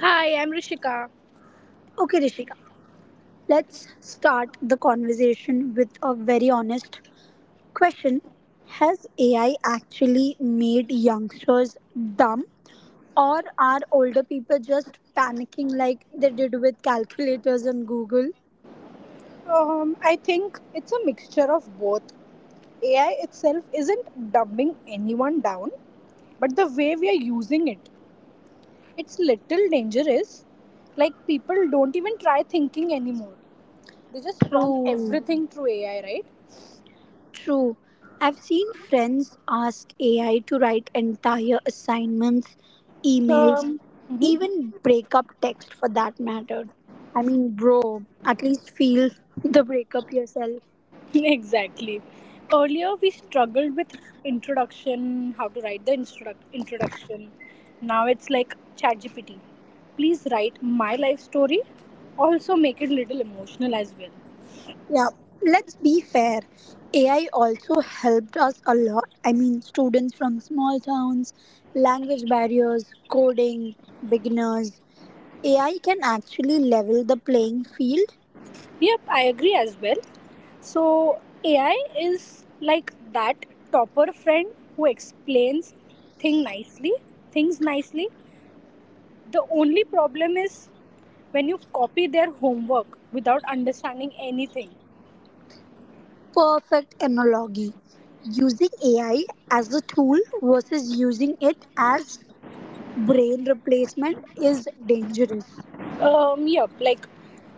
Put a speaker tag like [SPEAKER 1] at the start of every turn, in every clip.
[SPEAKER 1] Hi, I'm Rishika.
[SPEAKER 2] Okay, Rishika, let's start the conversation with a very honest question. Has AI actually made youngsters dumb, or are older people just panicking like they did with calculators and Google?
[SPEAKER 1] I think it's a mixture of both. AI itself isn't dumbing anyone down, but the way we are using it, it's little dangerous. Like people don't even try thinking anymore. They just prompt
[SPEAKER 2] True.
[SPEAKER 1] everything through AI, right?
[SPEAKER 2] True. I've seen friends ask AI to write entire assignments, emails,
[SPEAKER 1] Um, mhm.
[SPEAKER 2] even breakup text for that matter. I mean, bro, at least feel the breakup yourself.
[SPEAKER 1] Exactly. Earlier, we struggled with introduction, how to write the introduction. Now it's like ChatGPT. Please write my life story. Also, make it little emotional as well.
[SPEAKER 2] Yeah, let's be fair. AI also helped us a lot. I mean, students from small towns, language barriers, coding, beginners. AI can actually level the playing field.
[SPEAKER 1] Yep, I agree as well. So, AI is like that topper friend who explains thing nicely, things nicely. The only problem is when you copy their homework without understanding anything.
[SPEAKER 2] Perfect analogy. Using AI as a tool versus using it as brain replacement is dangerous.
[SPEAKER 1] Yeah, like,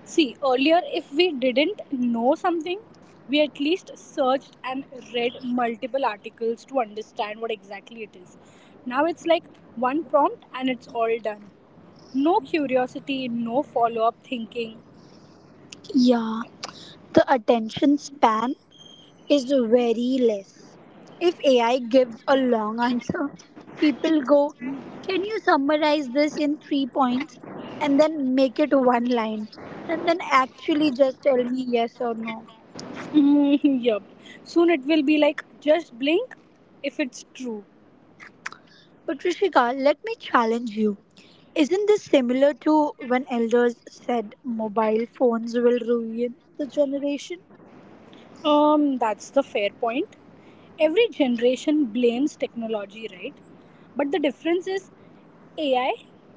[SPEAKER 1] see, earlier if we didn't know something, we at least searched and read multiple articles to understand what exactly it is. Now it's like one prompt and it's all done. No curiosity, no follow up thinking.
[SPEAKER 2] Yeah, the attention span is very less. If AI gives a long answer, people go, "Can you summarize this in 3 points and then make it one line? And then actually just tell me yes or no?"
[SPEAKER 1] Mm, yep. Soon it will be like just blink if it's true.
[SPEAKER 2] But Rishika, let me challenge you. Isn't this similar to when elders said mobile phones will ruin the generation?
[SPEAKER 1] That's the fair point. Every generation blames technology, right? But the difference is AI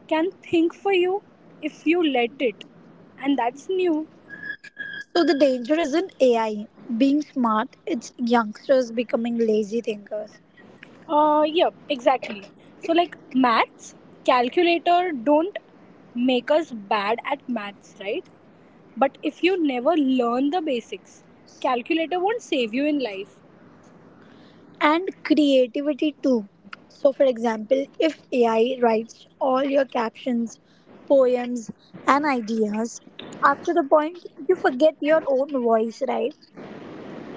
[SPEAKER 1] can think for you if you let it, and that's new.
[SPEAKER 2] So the danger isn't AI being smart, it's youngsters becoming lazy thinkers.
[SPEAKER 1] Yeah, exactly. So, like maths, calculator don't make us bad at maths, right? But if you never learn the basics, calculator won't save you in life.
[SPEAKER 2] And creativity too. So, for example, if AI writes all your captions, poems, and ideas, after the point you forget your own voice, right?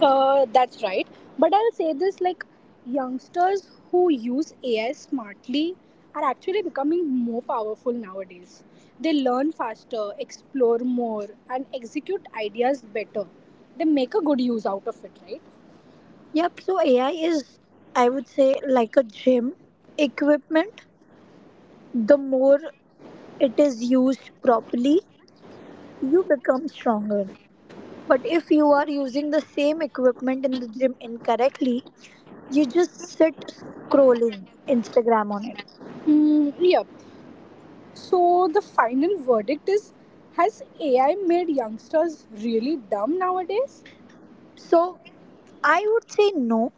[SPEAKER 1] That's right. But I'll say this like youngsters who use AI smartly are actually becoming more powerful nowadays. They learn faster, explore more, and execute ideas better. They make a good use out of it, right?
[SPEAKER 2] Yep, so AI is, I would say, like a gym equipment. The more it is used properly, you become stronger. But if you are using the same equipment in the gym incorrectly, you just sit scrolling Instagram on it.
[SPEAKER 1] Mm, yeah. So the final verdict is, has AI made youngsters really dumb nowadays?
[SPEAKER 2] So I would say no,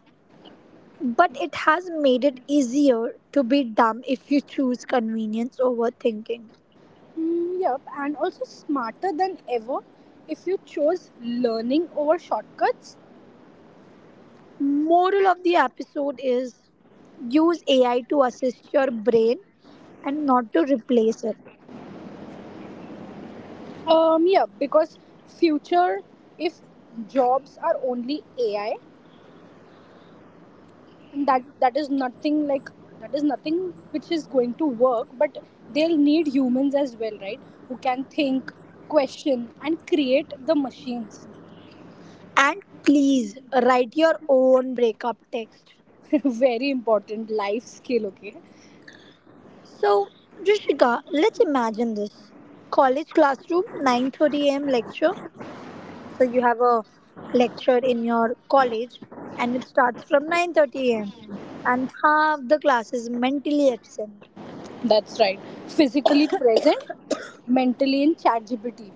[SPEAKER 2] but it has made it easier to be dumb if you choose convenience over thinking.
[SPEAKER 1] Mm, yep, and also smarter than ever if you chose learning over shortcuts.
[SPEAKER 2] Moral of the episode is use AI to assist your brain and not to replace it.
[SPEAKER 1] Yeah, because future, if jobs are only AI, and that is nothing like that is nothing which is going to work, but they'll need humans as well, right? Who can think, question, and create the machines.
[SPEAKER 2] And please write your own breakup text.
[SPEAKER 1] Very important life skill. Okay,
[SPEAKER 2] So, Rishika, let's imagine this. College classroom, 9:30 a.m. lecture. So you have a lecture in your college and it starts from 9:30 a.m. and half the class is mentally absent.
[SPEAKER 1] that's right. Physically present, mentally in ChatGPT.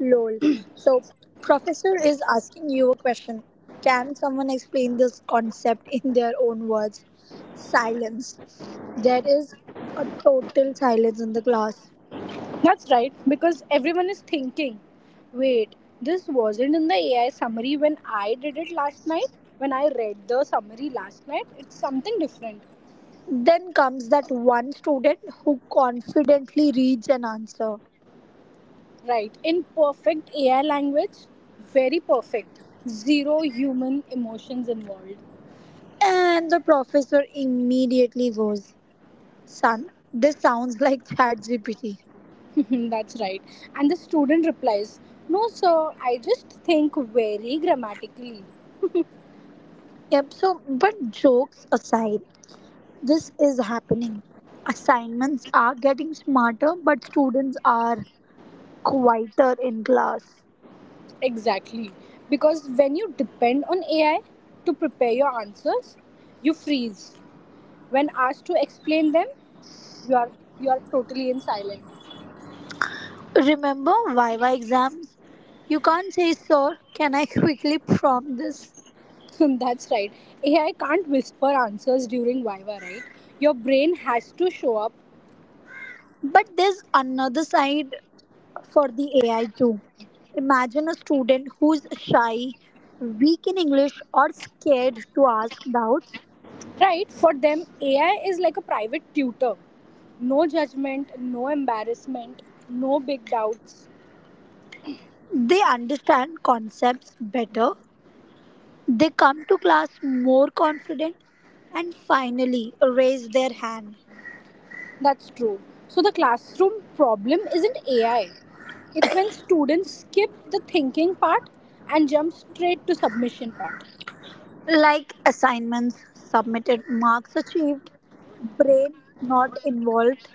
[SPEAKER 2] Lol. So, professor is asking you a question. "Can someone explain this concept in their own words?" Silence. There is a total silence in the class.
[SPEAKER 1] That's right, because everyone is thinking, wait, this wasn't in the AI summary when I did it last night. When I read the summary last night, it's something different.
[SPEAKER 2] Then comes that one student who confidently reads an answer.
[SPEAKER 1] Right, in perfect AI language, very perfect. Zero human emotions involved.
[SPEAKER 2] And the professor immediately goes, "Son, this sounds like ChatGPT."
[SPEAKER 1] That's right. And the student replies, no, sir, I just think very grammatically.
[SPEAKER 2] Yep, so, but jokes aside, this is happening. Assignments are getting smarter, but students are quieter in class.
[SPEAKER 1] Exactly. Because when you depend on AI to prepare your answers, you freeze. When asked to explain them, you are you are totally in silence.
[SPEAKER 2] Remember Viva exams? You can't say, "Sir, can I quickly prompt this?"
[SPEAKER 1] That's right. AI can't whisper answers during viva, right? Your brain has to show up.
[SPEAKER 2] But there's another side for the AI too. Imagine a student who's shy, weak in English, or scared to ask doubts.
[SPEAKER 1] Right, for them AI is like a private tutor, no judgment, no embarrassment, no big doubts.
[SPEAKER 2] They understand concepts better. They come to class more confident and finally raise their hand.
[SPEAKER 1] That's true. So the classroom problem isn't AI, it's when students skip the thinking part and jump straight to submission part.
[SPEAKER 2] Like assignments submitted, marks achieved, brain not involved.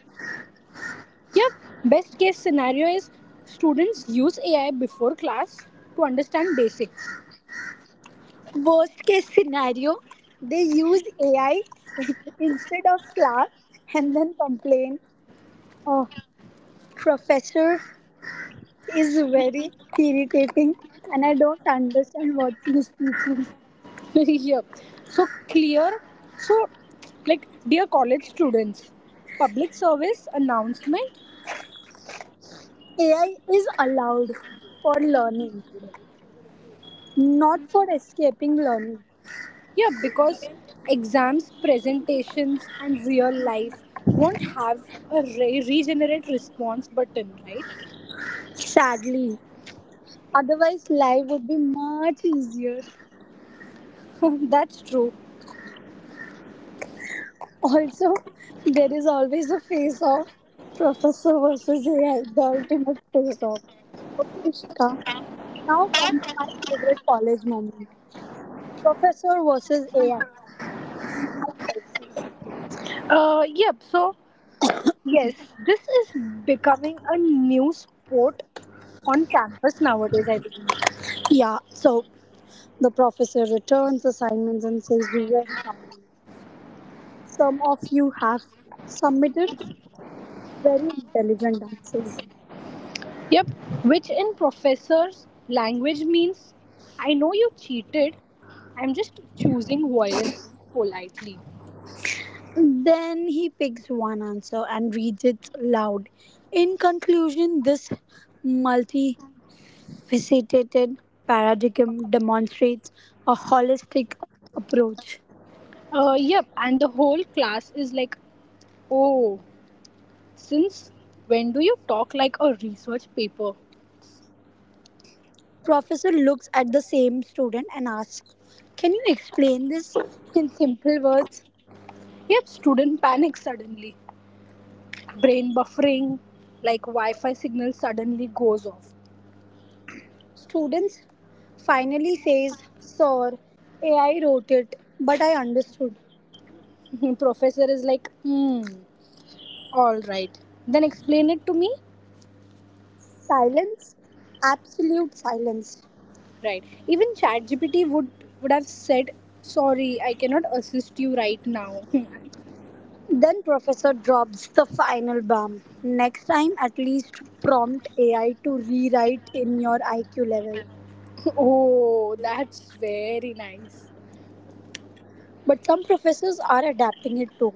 [SPEAKER 1] Yep. Best case scenario is students use AI before class to understand basics.
[SPEAKER 2] Worst case scenario, they use AI instead of class and then complain, "Oh, professor is very irritating and I don't understand what he is teaching."
[SPEAKER 1] Yep. So clear. So, like dear college students, public service announcement.
[SPEAKER 2] AI is allowed for learning, not for escaping learning.
[SPEAKER 1] Yeah, because exams, presentations, and real life won't have a regenerate response button, right?
[SPEAKER 2] Sadly, otherwise, life would be much easier.
[SPEAKER 1] That's true.
[SPEAKER 2] Also, there is always a face off. Professor versus AI, the ultimate face off. Okay, Rishika, now comes my favorite college moment. Professor versus AI. No mercy.
[SPEAKER 1] Yep. So yes, this is becoming a new sport on campus nowadays, I believe.
[SPEAKER 2] Yeah, so the professor returns assignments and says very calmly, "Some of you have submitted very intelligent answers."
[SPEAKER 1] Yep, which in professor's language means I know you cheated, I'm just choosing violence politely.
[SPEAKER 2] Then he picks one answer and reads it loud. "In conclusion, this multifaceted paradigm demonstrates a holistic approach."
[SPEAKER 1] Yep, and the whole class is like, oh, since when do you talk like a research paper?
[SPEAKER 2] Professor looks at the same student and asks, "Can you explain this in simple words?"
[SPEAKER 1] Yep, student panics suddenly. Brain buffering, like Wi Fi signal suddenly goes off.
[SPEAKER 2] Students finally says, "Sir, AI wrote it, but I understood."
[SPEAKER 1] Professor is like, hmm. All right. Then explain it to me.
[SPEAKER 2] Silence? Absolute silence.
[SPEAKER 1] Right. Even ChatGPT would have said, "Sorry, I cannot assist you right now."
[SPEAKER 2] Then Professor drops the final bomb. "Next time, at least prompt AI to rewrite in your IQ level."
[SPEAKER 1] Oh, that's very nice.
[SPEAKER 2] But some professors are adapting it too.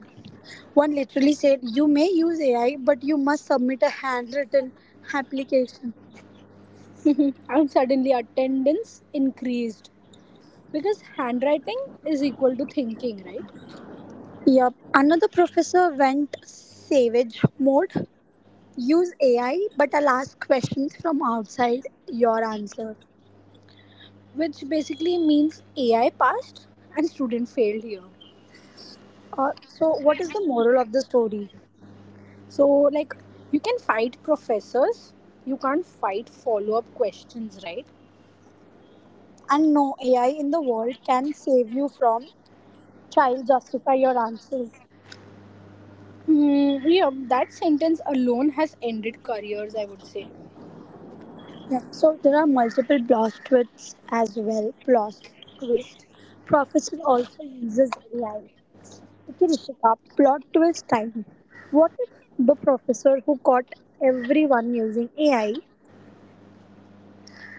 [SPEAKER 2] One literally said, "You may use AI, but you must submit a handwritten application."
[SPEAKER 1] And suddenly attendance increased because handwriting is equal to thinking, right?
[SPEAKER 2] Yup. Another professor went savage mode. "Use AI, but I'll ask questions from outside your answer."
[SPEAKER 1] Which basically means AI passed and student failed here.
[SPEAKER 2] So, what is the moral of the story?
[SPEAKER 1] So like you can fight professors, you can't fight follow-up questions, right?
[SPEAKER 2] And no AI in the world can save you from child justify your answers.
[SPEAKER 1] Hmm, yeah, that sentence alone has ended careers, I would say.
[SPEAKER 2] Yeah. So there are multiple plot twists as well. Plot twist. Professor also uses AI. Okay, Rishika, plot twist time. What if the professor who caught everyone using AI?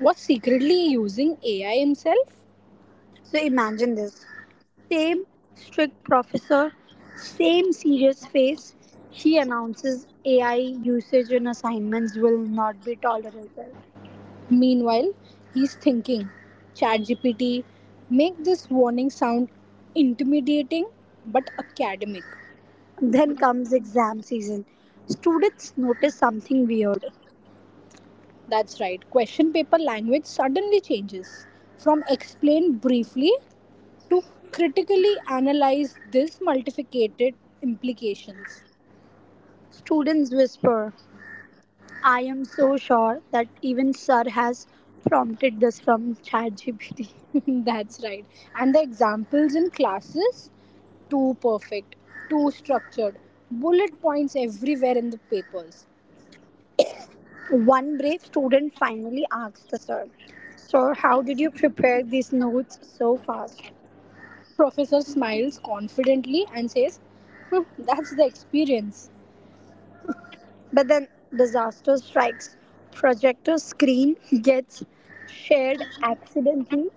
[SPEAKER 1] Was secretly using AI himself?
[SPEAKER 2] So imagine this. Same strict professor, same serious face. She announces AI usage in assignments will not be tolerated.
[SPEAKER 1] Meanwhile, he's thinking, ChatGPT, make this warning sound intimidating but academic.
[SPEAKER 2] Then comes exam season. Students notice something weird.
[SPEAKER 1] That's right, question paper language suddenly changes from explain briefly to critically analyze this multiplicated implications.
[SPEAKER 2] Students whisper, "I am so sure that even sir has prompted this from ChatGPT."
[SPEAKER 1] That's right. And the examples in classes, too perfect, too structured, bullet points everywhere in the papers.
[SPEAKER 2] One brave student finally asks the sir, "Sir, how did you prepare these notes so fast?"
[SPEAKER 1] Professor smiles confidently and says, "Hmm, that's the experience."
[SPEAKER 2] But then disaster strikes. Projector screen gets shared accidentally.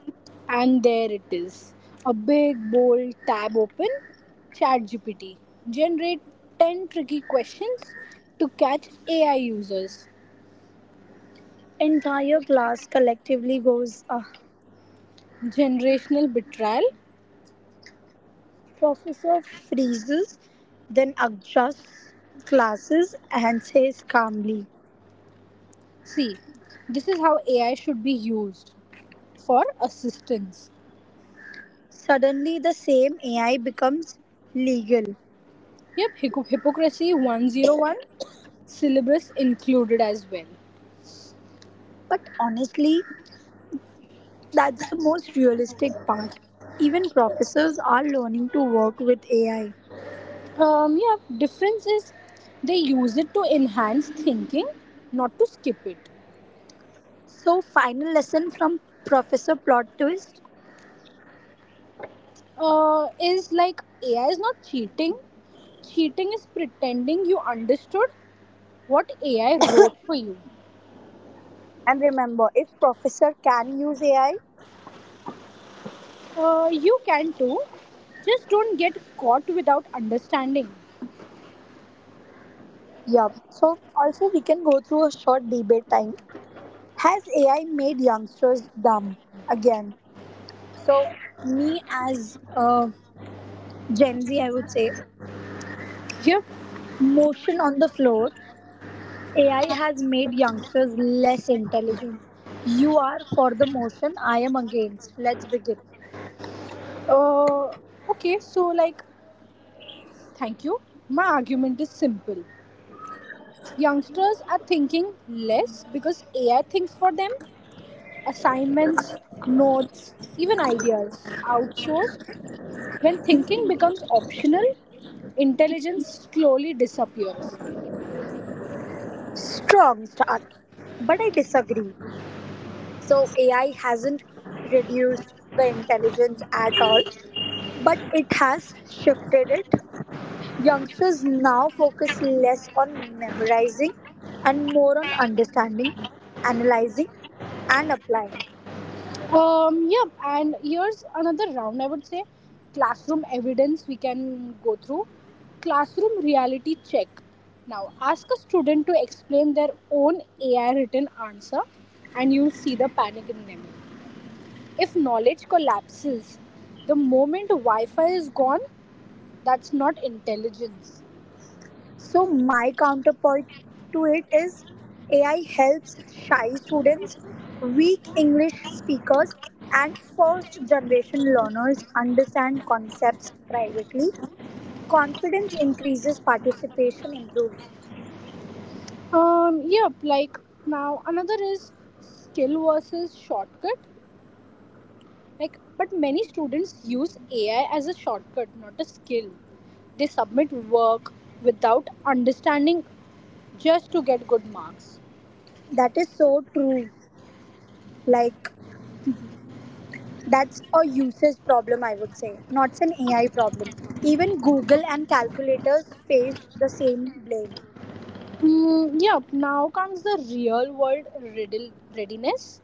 [SPEAKER 1] And there it is. A big bold tab open, ChatGPT. Generate 10 tricky questions to catch AI users.
[SPEAKER 2] Entire class collectively goes, "Ah."
[SPEAKER 1] Generational betrayal.
[SPEAKER 2] Professor freezes, then adjusts glasses and says calmly.
[SPEAKER 1] See, this is how AI should be used, for assistance.
[SPEAKER 2] Suddenly, the same AI becomes legal.
[SPEAKER 1] Yep, Hypocrisy 101, syllabus included as well.
[SPEAKER 2] But honestly, that's the most realistic part. Even professors are learning to work with AI.
[SPEAKER 1] Yeah, difference is they use it to enhance thinking, not to skip it.
[SPEAKER 2] So, final lesson from Professor Plot Twist.
[SPEAKER 1] Is like AI is not cheating. Cheating is pretending you understood what AI wrote for you.
[SPEAKER 2] And remember, if Professor can use AI,
[SPEAKER 1] You can too. Just don't get caught without understanding.
[SPEAKER 2] yup. So, also, we can go through a short debate time. Has AI made youngsters dumb? Again, so, me as a Gen Z, I would say,
[SPEAKER 1] Yep.
[SPEAKER 2] motion on the floor. AI has made youngsters less intelligent. You are for the motion, I am against. Let's begin.
[SPEAKER 1] Uh, okay, so like, thank you. My argument is simple. Youngsters are thinking less because AI thinks for them. Assignments, notes, even ideas outsourced. When thinking becomes optional, intelligence slowly disappears.
[SPEAKER 2] Strong start, but I disagree. So, AI hasn't reduced the intelligence at all, but it has shifted it. Youngsters now focus less on memorizing and more on understanding, analyzing, and applying.
[SPEAKER 1] Yeah, and here's another round I would say, classroom evidence we can go through. Classroom reality check. Now, ask a student to explain their own AI written answer, and you'll see the panic in them. If knowledge collapses the moment Wi Fi is gone, that's not intelligence.
[SPEAKER 2] So, my counterpoint to it is AI helps shy students, weak English speakers, and first generation learners understand concepts privately. Confidence increases, participation improves.
[SPEAKER 1] Yep, like now another is skill versus shortcut. Like, but many students use AI as a shortcut, not a skill. They submit work without understanding just to get good marks.
[SPEAKER 2] That is so true. Like, that's a usage problem, I would say, not an AI problem. Even Google and calculators faced the same blame.
[SPEAKER 1] Mm, yeah, now comes the real world riddle readiness.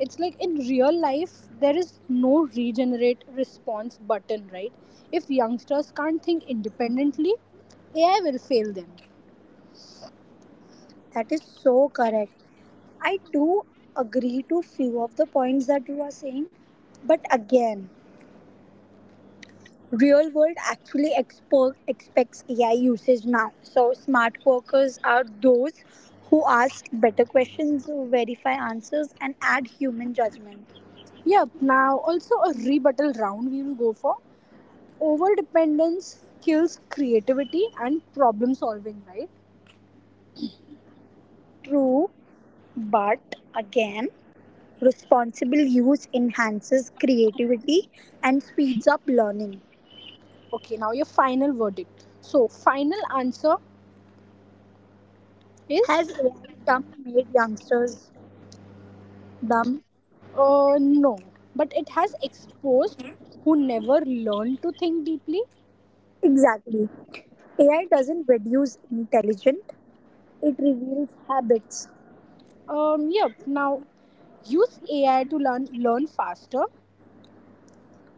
[SPEAKER 1] It's like in real life, there is no regenerate response button, right? If youngsters can't think independently, AI will fail them.
[SPEAKER 2] That is so correct. I do agree to few of the points that you are saying, but again, real world actually expects AI usage now. So smart workers are those who ask better questions, verify answers, and add human judgment.
[SPEAKER 1] Yeah, now also a rebuttal round we will go for. Over dependence kills creativity and problem solving, right?
[SPEAKER 2] True, but again, responsible use enhances creativity and speeds up learning.
[SPEAKER 1] Okay, now your final verdict. So, final answer is,
[SPEAKER 2] Has AI dumb made youngsters dumb?
[SPEAKER 1] No, but it has exposed who never learn to think deeply.
[SPEAKER 2] Exactly. AI doesn't reduce intelligence, it reveals habits.
[SPEAKER 1] Yep. Now, use AI to learn faster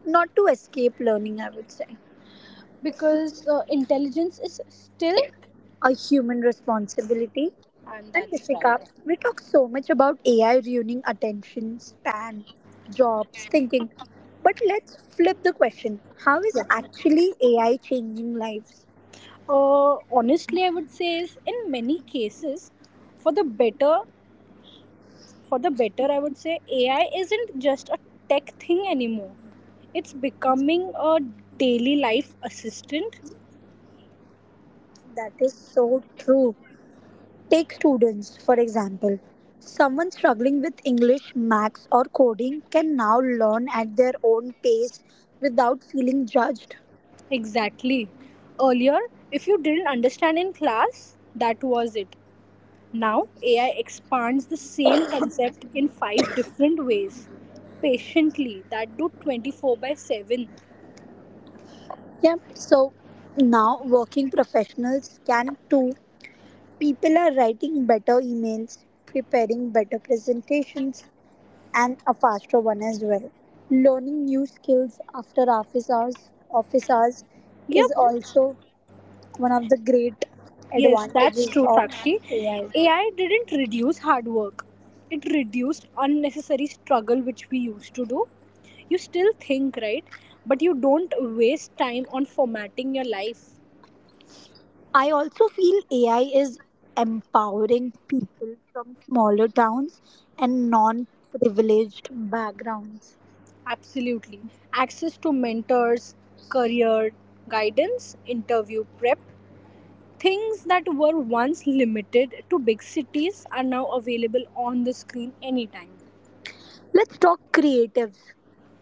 [SPEAKER 2] Not to escape learning, I would say.
[SPEAKER 1] because intelligence is still,
[SPEAKER 2] A human responsibility.
[SPEAKER 1] and
[SPEAKER 2] And
[SPEAKER 1] that's
[SPEAKER 2] Dishika,
[SPEAKER 1] right.
[SPEAKER 2] we talk so much about AI ruining attention span, jobs, thinking. But let's flip the question. How is actually AI changing lives?
[SPEAKER 1] Honestly, I would say is in many cases, for the better, for the better, I would say AI isn't just a tech thing anymore. It's becoming a daily life assistant.
[SPEAKER 2] That is so true. Take students, for example. Someone struggling with English, maths, or coding can now learn at their own pace without feeling judged.
[SPEAKER 1] Exactly. Earlier, if you didn't understand in class, that was it. Now, AI expands the same concept in five different ways, patiently, that do 24 by 7.
[SPEAKER 2] Yeah, so now working professionals can too. People are writing better emails, preparing better presentations, and a faster one as well. Learning new skills after office hours is
[SPEAKER 1] Yep,
[SPEAKER 2] also one of the great
[SPEAKER 1] yes, that's
[SPEAKER 2] advantages
[SPEAKER 1] true,
[SPEAKER 2] of
[SPEAKER 1] Sakshi.
[SPEAKER 2] AI.
[SPEAKER 1] AI didn't reduce hard work, it reduced unnecessary struggle which we used to do. You still think, right? But you don't waste time on formatting your life.
[SPEAKER 2] I also feel AI is empowering people from smaller towns and non privileged backgrounds.
[SPEAKER 1] Absolutely. Access to mentors, career guidance, interview prep, things that were once limited to big cities are now available on the screen anytime.
[SPEAKER 2] Let's talk creatives,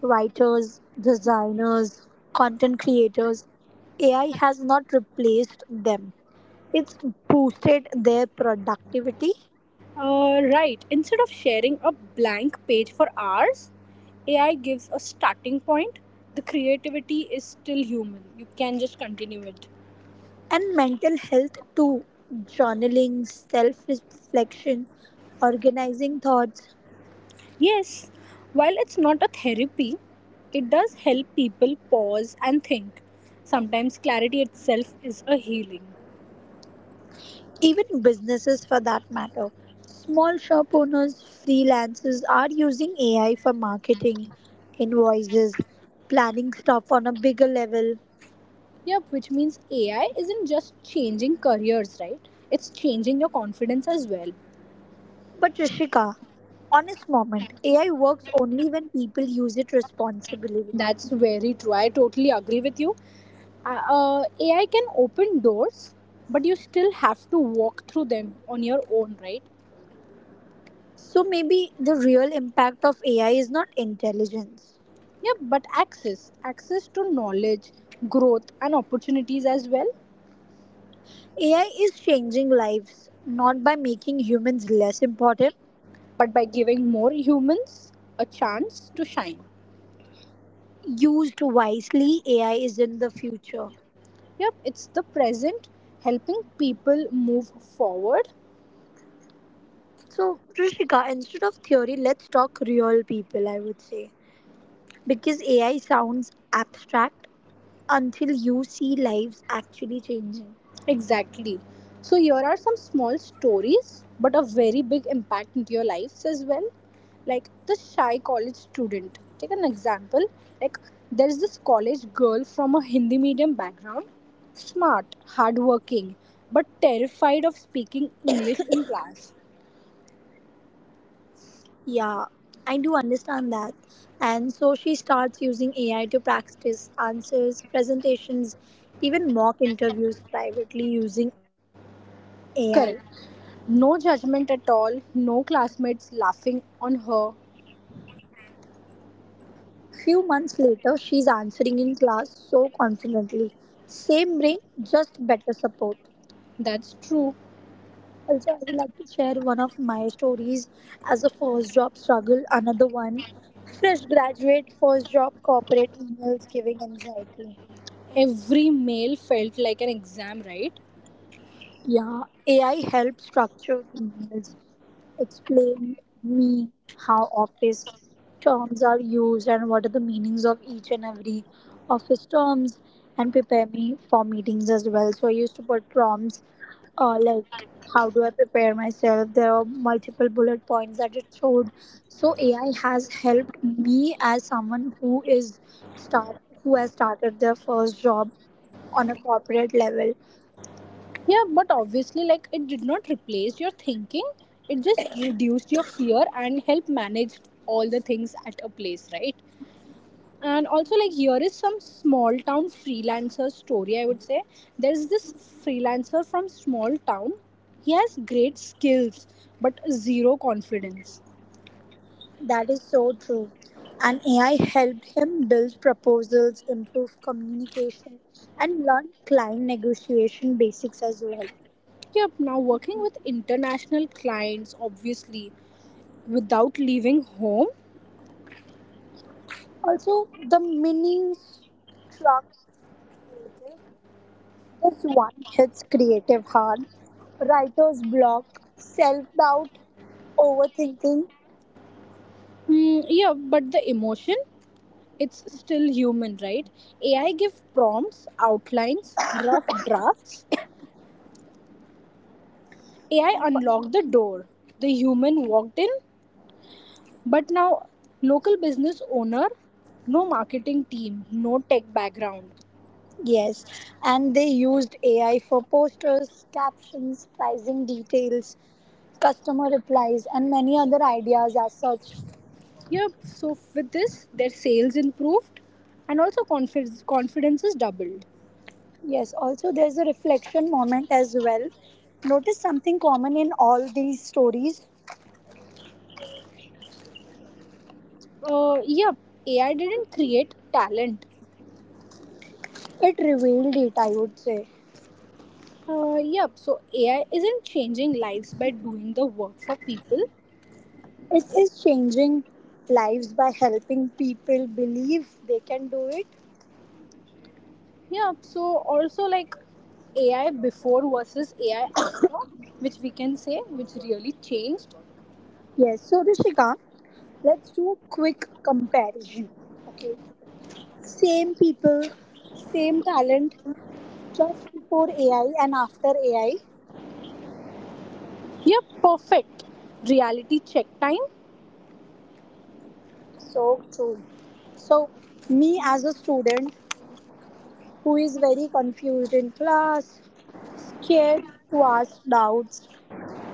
[SPEAKER 2] writers, designers, content creators. AI has not replaced them, it's boosted their productivity
[SPEAKER 1] Right, instead of sharing a blank page for hours, AI gives a starting point. The creativity is still human. You can just continue it.
[SPEAKER 2] and mental health too. Journaling, self reflection, organizing thoughts.
[SPEAKER 1] Yes, while it's not a therapy, it does help people pause and think. Sometimes clarity itself is a healing.
[SPEAKER 2] Even businesses, for that matter. Small shop owners, freelancers are using AI for marketing, invoices, planning stuff on a bigger level.
[SPEAKER 1] Yep, which means AI isn't just changing careers, right? It's changing your confidence as well.
[SPEAKER 2] But Rishika, honest moment, AI works only when people use it responsibly.
[SPEAKER 1] That's very true. I totally agree with you. AI can open doors, but you still have to walk through them on your own, right?
[SPEAKER 2] So maybe the real impact of AI is not intelligence.
[SPEAKER 1] Yep, but access, access to knowledge, growth, and opportunities as well,
[SPEAKER 2] AI is changing lives, not by making humans less important.
[SPEAKER 1] but by giving more humans a chance to shine.
[SPEAKER 2] Used wisely, AI is in the future.
[SPEAKER 1] Yep, it's the present helping people move forward.
[SPEAKER 2] So, Trishika, instead of theory, let's talk real people, I would say. Because AI sounds abstract until you see lives actually changing.
[SPEAKER 1] Exactly. So, here are some small stories, but a very big impact into your lives as well. Like the shy college student. Take an example. Like, there's this college girl from a Hindi medium background, smart, hardworking, but terrified of speaking English in class.
[SPEAKER 2] Yeah, I do understand that. And so she starts using AI to practice answers, presentations, even mock interviews privately using AI.
[SPEAKER 1] Correct. No judgment at all, no classmates laughing on her.
[SPEAKER 2] Few months later, she's answering in class so confidently. Same brain, just better support.
[SPEAKER 1] That's true.
[SPEAKER 2] Also, I would like to share one of my stories as a first job struggle, another one. Fresh graduate, first job, corporate emails giving anxiety.
[SPEAKER 1] Every mail felt like an exam, right?
[SPEAKER 2] Yeah, AI helped structure emails, explain me how office terms are used and what are the meanings of each and every office terms and prepare me for meetings as well. So I used to put prompts like how do I prepare myself? There are multiple bullet points that it showed. So AI has helped me as someone who is start who has started their first job on a corporate level.
[SPEAKER 1] Yeah, but obviously, like, it did not replace your thinking, it just reduced your fear and helped manage all the things at a place, right? And also, like, here is some small town freelancer story, I would say. There's this freelancer from small town. He has great skills, but zero confidence.
[SPEAKER 2] That is so true. And AI helped him build proposals, improve communication, and learn client negotiation basics as well.
[SPEAKER 1] Yep, now working with international clients, obviously, without leaving home.
[SPEAKER 2] Also, the mini struck. This one hits creative hard. Writer's block, self doubt, overthinking.
[SPEAKER 1] Hmm, yeah, but the emotion, it's still human, right? AI give prompts, outlines, rough drafts. AI unlocked the door. The human walked in, but now local business owner, no marketing team, no tech background.
[SPEAKER 2] Yes, and they used AI for posters, captions, pricing details, customer replies, and many other ideas as such.
[SPEAKER 1] Yep, so with this, their sales improved and also confidence is doubled.
[SPEAKER 2] Yes, also there's a reflection moment as well. Notice something common in all these stories.
[SPEAKER 1] Yep, AI didn't create talent.
[SPEAKER 2] It revealed it, I would say.
[SPEAKER 1] Yep, so AI isn't changing lives by doing the work for people.
[SPEAKER 2] It is changing lives by helping people believe they can do it.
[SPEAKER 1] Yep, so also like AI before versus AI after, which we can say, which really changed.
[SPEAKER 2] Yes, so Rishika, let's do a quick comparison. Okay, same people, same talent just before AI and after AI.
[SPEAKER 1] Yep, perfect. Reality check time.
[SPEAKER 2] So true. So, me as a student who is very confused in class, scared to ask doubts,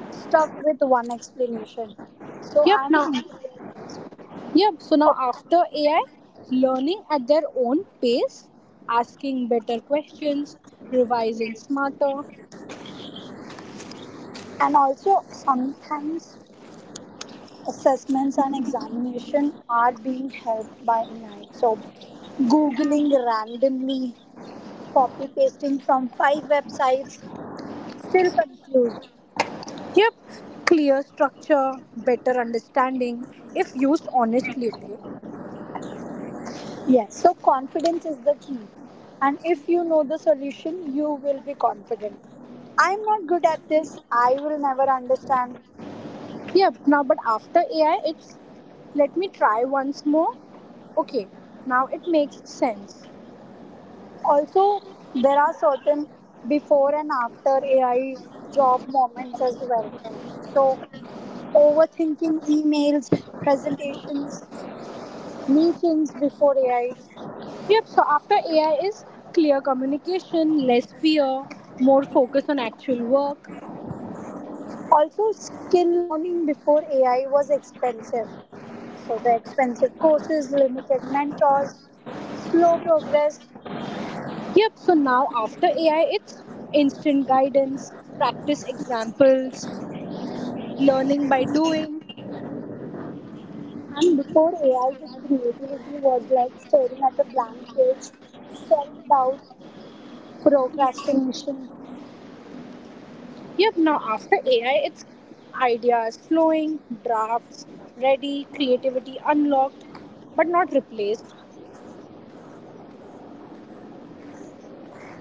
[SPEAKER 2] stuck with one explanation. So,
[SPEAKER 1] Yep,
[SPEAKER 2] I'm an
[SPEAKER 1] now,
[SPEAKER 2] introvert person.
[SPEAKER 1] yep, so now
[SPEAKER 2] Oh,
[SPEAKER 1] after AI, learning at their own pace, asking better questions, revising smarter.
[SPEAKER 2] and also, sometimes assessments and examination are being helped by AI. So, googling randomly, copy pasting from 5 websites, still confused.
[SPEAKER 1] Yep, clear structure, better understanding if used honestly. Okay.
[SPEAKER 2] Yes, so confidence is the key. And if you know the solution, you will be confident. I'm not good at this, I will never understand.
[SPEAKER 1] Yep. Now, but after AI, it's let me try once more. Okay. Now it makes sense.
[SPEAKER 2] Also, there are certain before and after AI job moments as well. So, overthinking emails, presentations, meetings before AI.
[SPEAKER 1] Yep. So after AI is clear communication, less fear, more focus on actual work.
[SPEAKER 2] Also, skill learning before AI was expensive. So, the expensive courses, limited mentors, slow progress.
[SPEAKER 1] Yep. So now after AI, it's instant guidance, practice examples, learning by doing.
[SPEAKER 2] And before AI, the creativity was like staring at a blank page, self doubt, procrastination.
[SPEAKER 1] Yep, now after AI, it's ideas flowing, drafts ready, creativity unlocked, but not replaced.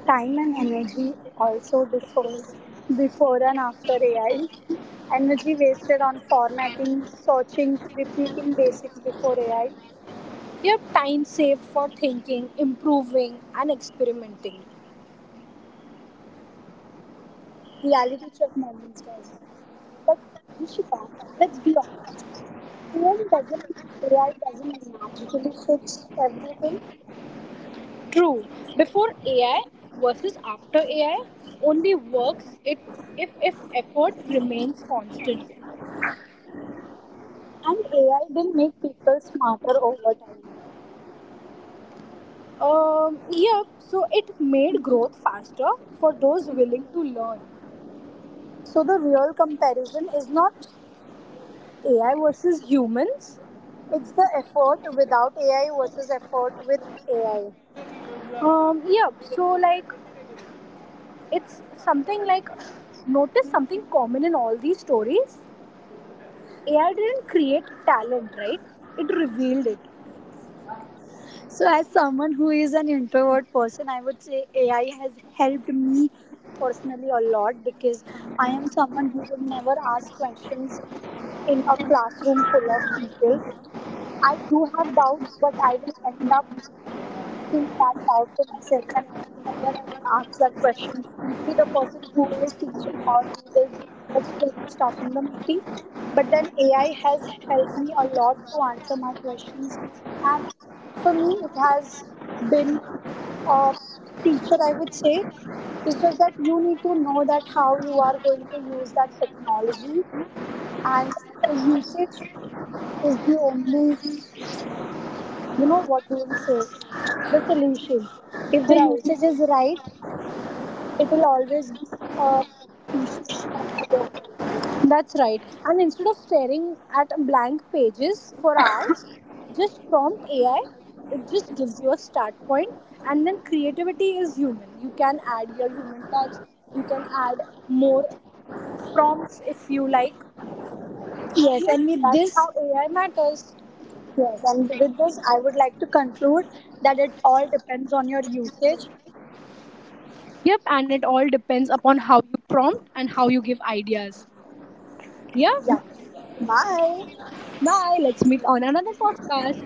[SPEAKER 2] Time and energy also differs before and after AI. Energy wasted on formatting, searching, repeating basics before AI
[SPEAKER 1] Yep, time saved for thinking, improving, and experimenting.
[SPEAKER 2] reality check moments, guys. But Rishika, let's be honest. AI doesn't AI doesn't magically fix everything,
[SPEAKER 1] True, before AI versus after AI only works it if effort remains constant.
[SPEAKER 2] and AI didn't make people smarter over time.
[SPEAKER 1] Yep, so it made growth faster for those willing to learn.
[SPEAKER 2] So the real comparison is not
[SPEAKER 1] AI versus humans.
[SPEAKER 2] it's the effort without AI versus effort with AI.
[SPEAKER 1] Yeah, so like it's something like, notice something common in all these stories. AI didn't create talent, right? It revealed it.
[SPEAKER 2] So, as someone who is an introvert person, I would say AI has helped me personally a lot because I am someone who would never ask questions in a classroom full of people. I do have doubts, but I will end up feel that doubt to myself and I will never ever ask that question to the person who is teaching or who is explaining stuff in the meeting. But then AI has helped me a lot to answer my questions, and for me, it has been a teacher, I would say. It's just that you need to know that how you are going to use that technology, and the usage is the only what do we say the solution if the
[SPEAKER 1] Right,
[SPEAKER 2] usage is right it will always be a beneficial tool for the world.
[SPEAKER 1] that's right, and instead of staring at blank pages for hours, just prompt AI. It just gives you a start point and then creativity is human. You can add your human touch. You can add more prompts if you like, and
[SPEAKER 2] yes
[SPEAKER 1] yes,
[SPEAKER 2] and with
[SPEAKER 1] that's
[SPEAKER 2] this
[SPEAKER 1] how AI matters.
[SPEAKER 2] yes and with this I would like to conclude that it all depends on your usage.
[SPEAKER 1] Yep, and it all depends upon how you prompt and how you give ideas. Yeah.
[SPEAKER 2] Yeah. Bye.
[SPEAKER 1] Bye. Let's meet on another podcast.